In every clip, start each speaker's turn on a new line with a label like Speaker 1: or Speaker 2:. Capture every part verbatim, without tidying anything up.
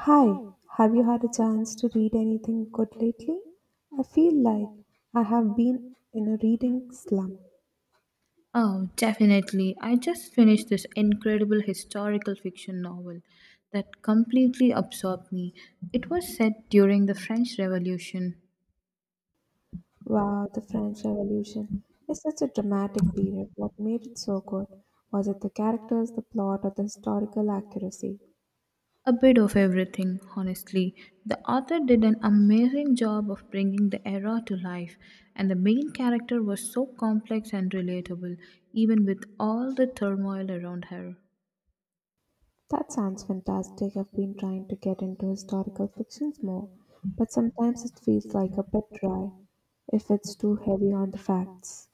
Speaker 1: Hi, have you had a chance to read anything good lately? I feel like I have been in a reading slump.
Speaker 2: Oh, definitely. I just finished this incredible historical fiction novel that completely absorbed me. It was set during the French Revolution.
Speaker 1: Wow, the French Revolution is such a dramatic period. What made it so good? Was it the characters, the plot, or the historical accuracy?
Speaker 2: A bit of everything, honestly. The author did an amazing job of bringing the era to life, and the main character was so complex and relatable, even with all the turmoil around her.
Speaker 1: That sounds fantastic. I've been trying to get into historical fictions more, but sometimes it feels like a bit dry if it's too heavy on the facts.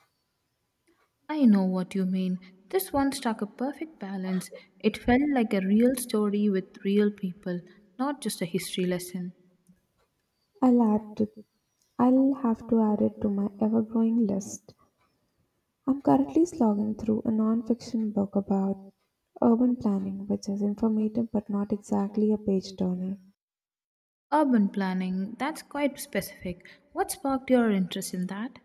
Speaker 2: I know what you mean. This one struck a perfect balance. It felt like a real story with real people, not just a history lesson.
Speaker 1: I'll add to I'll have to add it to my ever-growing list. I'm currently slogging through a non-fiction book about urban planning, which is informative but not exactly a page turner.
Speaker 2: Urban planning, that's quite specific. What sparked your interest in that?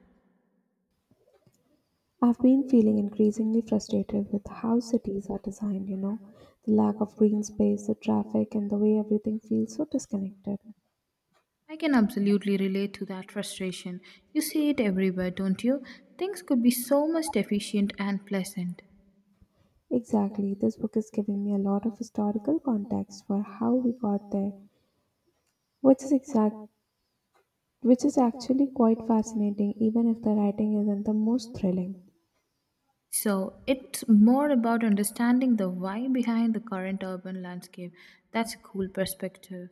Speaker 1: I've been feeling increasingly frustrated with how cities are designed, you know, the lack of green space, the traffic, and the way everything feels so disconnected.
Speaker 2: I can absolutely relate to that frustration. You see it everywhere, don't you? Things could be so much efficient and pleasant.
Speaker 1: Exactly, this book is giving me a lot of historical context for how we got there, which is exact which is actually quite fascinating, even if the writing isn't the most thrilling.
Speaker 2: So, it's more about understanding the why behind the current urban landscape. That's a cool perspective.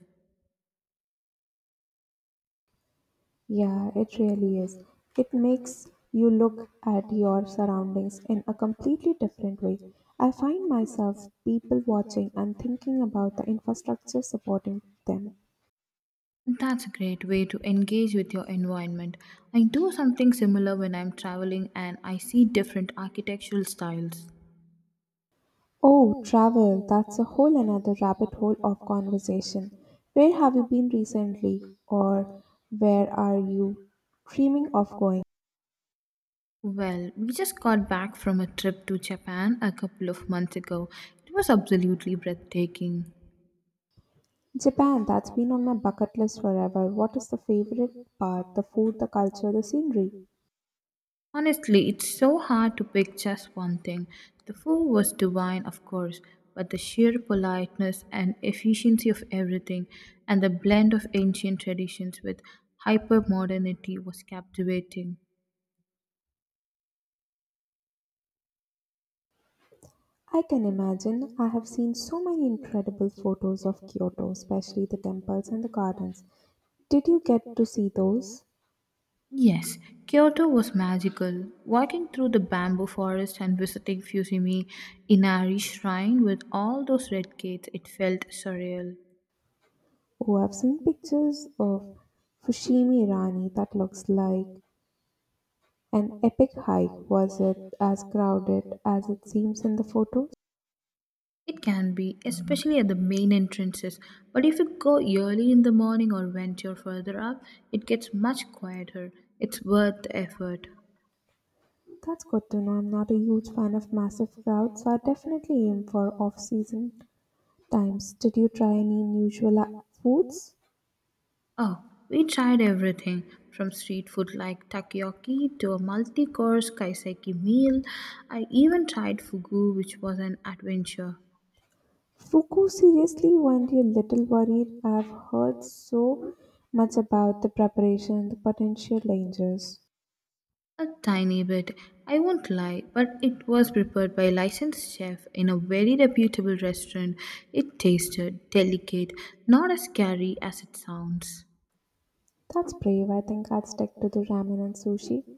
Speaker 1: Yeah, it really is. It makes you look at your surroundings in a completely different way. I find myself people watching and thinking about the infrastructure supporting them.
Speaker 2: That's a great way to engage with your environment. I do something similar when I'm traveling and I see different architectural styles.
Speaker 1: Oh, travel, that's a whole another rabbit hole of conversation. Where have you been recently, or where are you dreaming of going?
Speaker 2: Well, we just got back from a trip to Japan a couple of months ago. It was absolutely breathtaking.
Speaker 1: Japan, that's been on my bucket list forever. What is the favorite part? The food, the culture, the scenery.
Speaker 2: Honestly, it's so hard to pick just one thing. The food was divine, of course, but the sheer politeness and efficiency of everything and the blend of ancient traditions with hypermodernity was captivating.
Speaker 1: I can imagine. I have seen so many incredible photos of Kyoto, especially the temples and the gardens. Did you get to see those?
Speaker 2: Yes, Kyoto was magical. Walking through the bamboo forest and visiting Fusimi Inari Shrine with all those red gates, it felt surreal.
Speaker 1: Oh, I've seen pictures of Fushimi Rani that looks like an epic hike. Was it as crowded as it seems in the photos?
Speaker 2: It can be, especially at the main entrances, but if you go early in the morning or venture further up, it gets much quieter. It's worth the effort.
Speaker 1: That's good to know. I'm not a huge fan of massive crowds, so I definitely aim for off season times. Did you try any unusual uh, foods?
Speaker 2: Oh, we tried everything from street food like takoyaki to a multi course kaiseki meal. I even tried fugu, which was an adventure.
Speaker 1: Fuku, seriously, weren't you a little worried? I've heard so much about the preparation and the potential dangers.
Speaker 2: A tiny bit, I won't lie, but it was prepared by a licensed chef in a very reputable restaurant. It tasted delicate, not as scary as it sounds.
Speaker 1: That's brave. I think I'd stick to the ramen and sushi,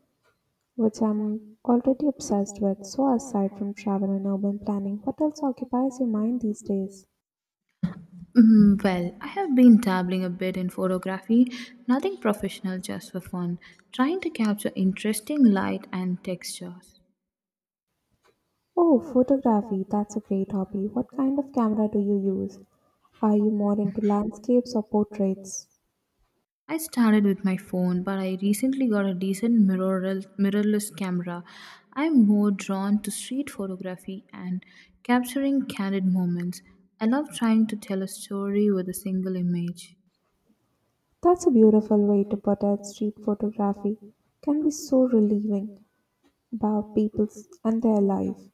Speaker 1: which I'm already obsessed with. So, aside from travel and urban planning, what else occupies your mind these days?
Speaker 2: Mm, well, I have been dabbling a bit in photography, nothing professional, just for fun, trying to capture interesting light and textures.
Speaker 1: Oh, photography. That's a great hobby. What kind of camera do you use? Are you more into landscapes or portraits?
Speaker 2: I started with my phone, but I recently got a decent mirrorless, mirrorless camera. I'm more drawn to street photography and capturing candid moments. I love trying to tell a story with a single image.
Speaker 1: That's a beautiful way to put it. Street photography can be so relieving about people and their life.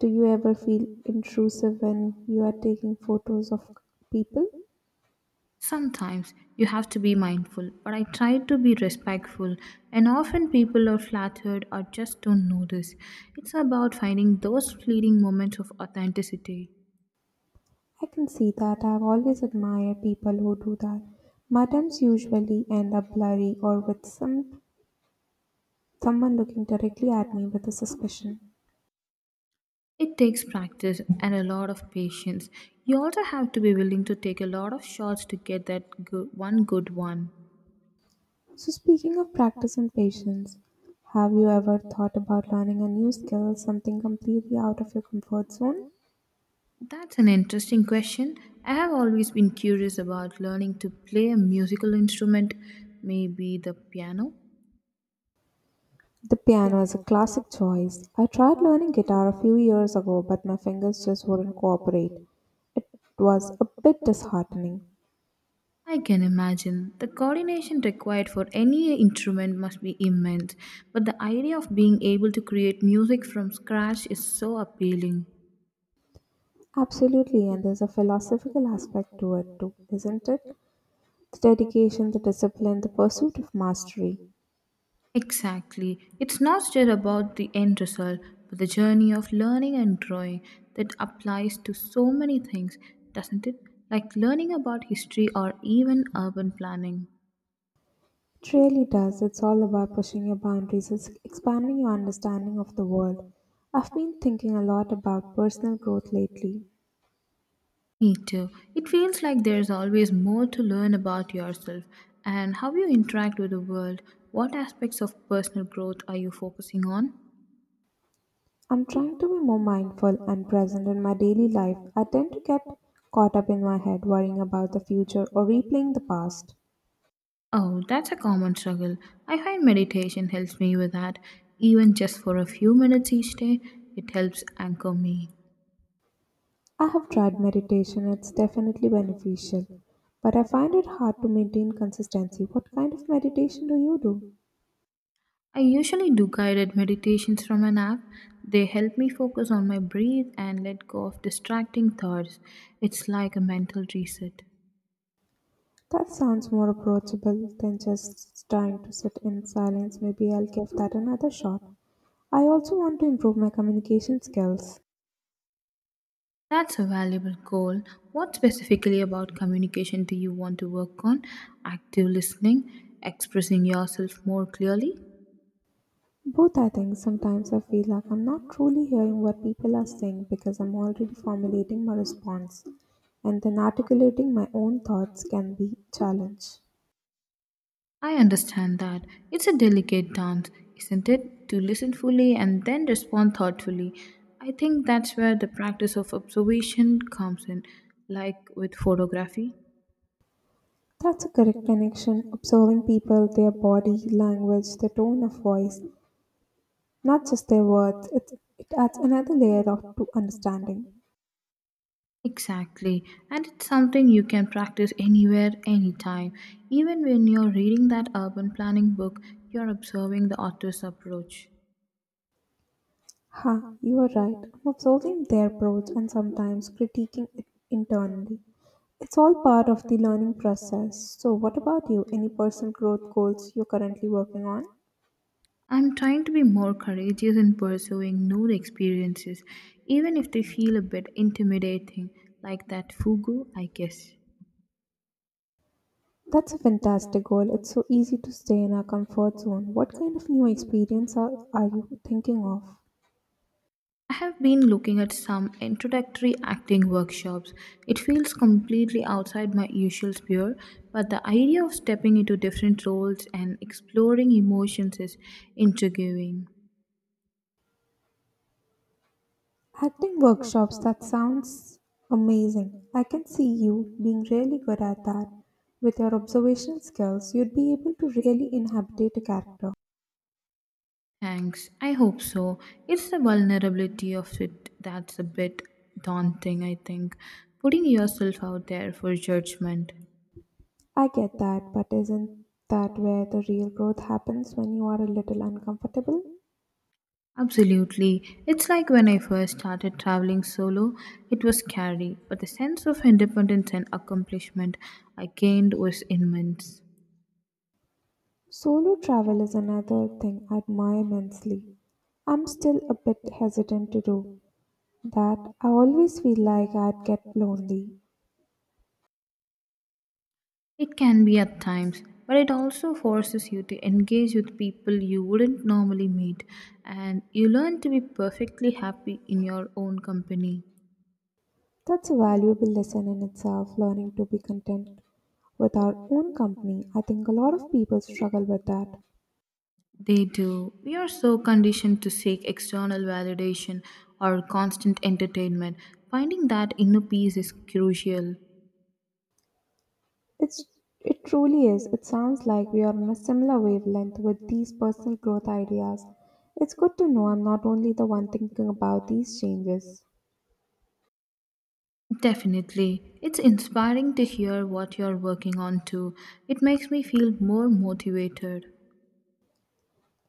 Speaker 1: Do you ever feel intrusive when you are taking photos of people?
Speaker 2: Sometimes you have to be mindful, but I try to be respectful, and often people are flattered or just don't notice. It's about finding those fleeting moments of authenticity.
Speaker 1: I can see that. I've always admired people who do that. My attempts usually end up blurry or with some someone looking directly at me with a suspicion.
Speaker 2: It takes practice and a lot of patience. You also have to be willing to take a lot of shots to get that good, one good one.
Speaker 1: So speaking of practice and patience, have you ever thought about learning a new skill, something completely out of your comfort zone?
Speaker 2: That's an interesting question. I have always been curious about learning to play a musical instrument, maybe the piano.
Speaker 1: The piano is a classic choice. I tried learning guitar a few years ago, but my fingers just wouldn't cooperate. It was a bit disheartening.
Speaker 2: I can imagine the coordination required for any instrument must be immense, but the idea of being able to create music from scratch is so appealing.
Speaker 1: Absolutely, and there's a philosophical aspect to it too, isn't it? The dedication, the discipline, the pursuit of mastery.
Speaker 2: Exactly. It's not just about the end result, but the journey of learning and growing that applies to so many things, doesn't it? Like learning about history or even urban planning.
Speaker 1: It really does. It's all about pushing your boundaries, it's expanding your understanding of the world. I've been thinking a lot about personal growth lately.
Speaker 2: Me too. It feels like there's always more to learn about yourself and how you interact with the world. What aspects of personal growth are you focusing on?
Speaker 1: I'm trying to be more mindful and present in my daily life. I tend to get caught up in my head worrying about the future or replaying the past.
Speaker 2: Oh, that's a common struggle. I find meditation helps me with that. Even just for a few minutes each day, it helps anchor me.
Speaker 1: I have tried meditation, it's definitely beneficial, but I find it hard to maintain consistency. What kind of meditation do you do?
Speaker 2: I usually do guided meditations from an app. They help me focus on my breath and let go of distracting thoughts. It's like a mental reset.
Speaker 1: That sounds more approachable than just trying to sit in silence. Maybe I'll give that another shot. I also want to improve my communication skills.
Speaker 2: That's a valuable goal. What specifically about communication do you want to work on? Active listening, expressing yourself more clearly?
Speaker 1: Both, I think. Sometimes I feel like I'm not truly hearing what people are saying because I'm already formulating my response, and then articulating my own thoughts can be challenged.
Speaker 2: I understand that. It's a delicate dance, isn't it? To listen fully and then respond thoughtfully. I think that's where the practice of observation comes in, like with photography.
Speaker 1: That's a correct connection. Observing people, their body language, their tone of voice, not just their words, it, it adds another layer of to understanding.
Speaker 2: Exactly, and it's something you can practice anywhere, anytime. Even when you're reading that urban planning book, you're observing the author's approach.
Speaker 1: Ha, you are right. I'm Observing their approach and sometimes critiquing it internally. It's all part of the learning process. So, what about you? Any personal growth goals you're currently working on?
Speaker 2: I'm trying to be more courageous in pursuing new experiences, even if they feel a bit intimidating, like that fugu, I guess.
Speaker 1: That's a fantastic goal. It's so easy to stay in our comfort zone. What kind of new experience are, are you thinking of?
Speaker 2: I have been looking at some introductory acting workshops. It feels completely outside my usual sphere, but the idea of stepping into different roles and exploring emotions is intriguing.
Speaker 1: Acting workshops, that sounds amazing. I can see you being really good at that. With your observational skills, you'd be able to really inhabit a character.
Speaker 2: Thanks. I hope so. It's the vulnerability of it that's a bit daunting, I think. Putting yourself out there for judgment.
Speaker 1: I get that, but isn't that where the real growth happens when you are a little uncomfortable?
Speaker 2: Absolutely. It's like when I first started traveling solo, it was scary, but the sense of independence and accomplishment I gained was immense.
Speaker 1: Solo travel is another thing I admire immensely. I'm still a bit hesitant to do that. I always feel like I'd get lonely.
Speaker 2: It can be at times, but it also forces you to engage with people you wouldn't normally meet, and you learn to be perfectly happy in your own company.
Speaker 1: That's a valuable lesson in itself, learning to be content with our own company. I think a lot of people struggle with that.
Speaker 2: They do. We are so conditioned to seek external validation or constant entertainment. Finding that inner peace is crucial.
Speaker 1: It's it truly is. It sounds like we are on a similar wavelength with these personal growth ideas. It's good to know I'm not only the one thinking about these changes.
Speaker 2: Definitely. It's inspiring to hear what you're working on too. It makes me feel more motivated.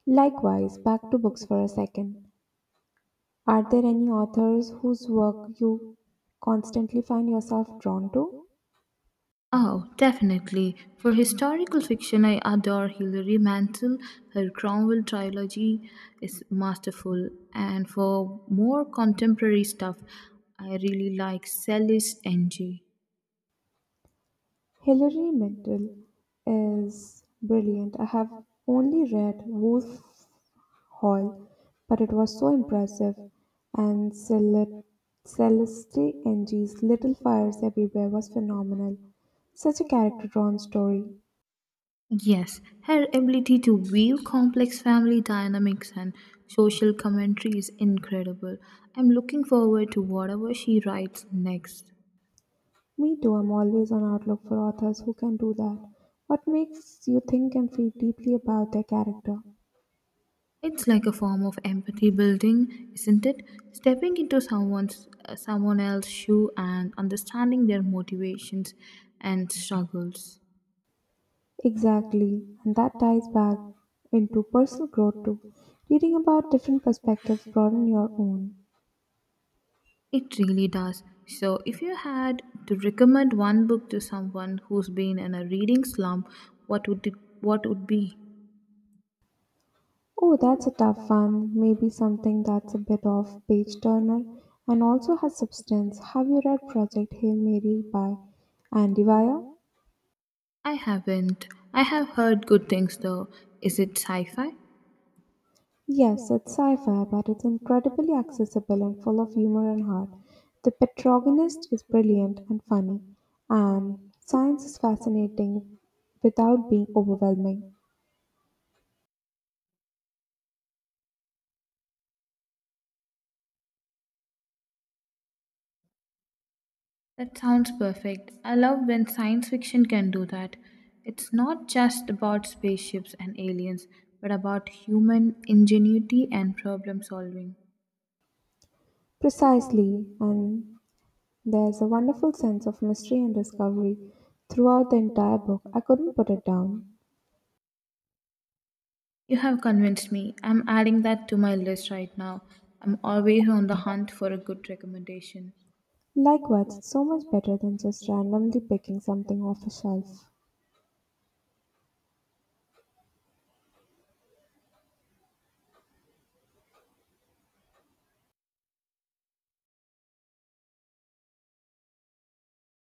Speaker 1: Likewise, back to books for a second. Are there any authors whose work you constantly find yourself drawn to?
Speaker 2: Oh, definitely. For historical fiction, I adore Hilary Mantel. Her Cromwell trilogy is masterful. And for more contemporary stuff, I really like Celis N G.
Speaker 1: Hilary Mantel is brilliant. I have only read Wolf Hall, but it was so impressive. And Cel- Celeste Ng's Little Fires Everywhere was phenomenal. Such a character drawn story.
Speaker 2: Yes, her ability to weave complex family dynamics and social commentary is incredible. I'm looking forward to whatever she writes next.
Speaker 1: Me too, I'm always on outlook for authors who can do that. What makes you think and feel deeply about their character?
Speaker 2: It's like a form of empathy building, isn't it? Stepping into someone's uh, someone else's shoe and understanding their motivations and struggles.
Speaker 1: Exactly, and that ties back into personal growth too. Reading about different perspectives broaden your own.
Speaker 2: It really does. So, if you had to recommend one book to someone who's been in a reading slump, what would it what would be?
Speaker 1: Oh, that's a tough one. Maybe something that's a bit of page turner and also has substance. Have you read Project Hail Mary by Andy Weir?
Speaker 2: I haven't. I have heard good things though. Is it sci fi?
Speaker 1: Yes, it's sci-fi, but it's incredibly accessible and full of humor and heart. The protagonist is brilliant and funny, and science is fascinating without being overwhelming.
Speaker 2: That sounds perfect. I love when science fiction can do that. It's not just about spaceships and aliens, but about human ingenuity and problem solving.
Speaker 1: Precisely, and there's a wonderful sense of mystery and discovery throughout the entire book. I couldn't put it down.
Speaker 2: You have convinced me. I'm adding that to my list right now. I'm always on the hunt for a good recommendation.
Speaker 1: Likewise, it's so much better than just randomly picking something off a shelf.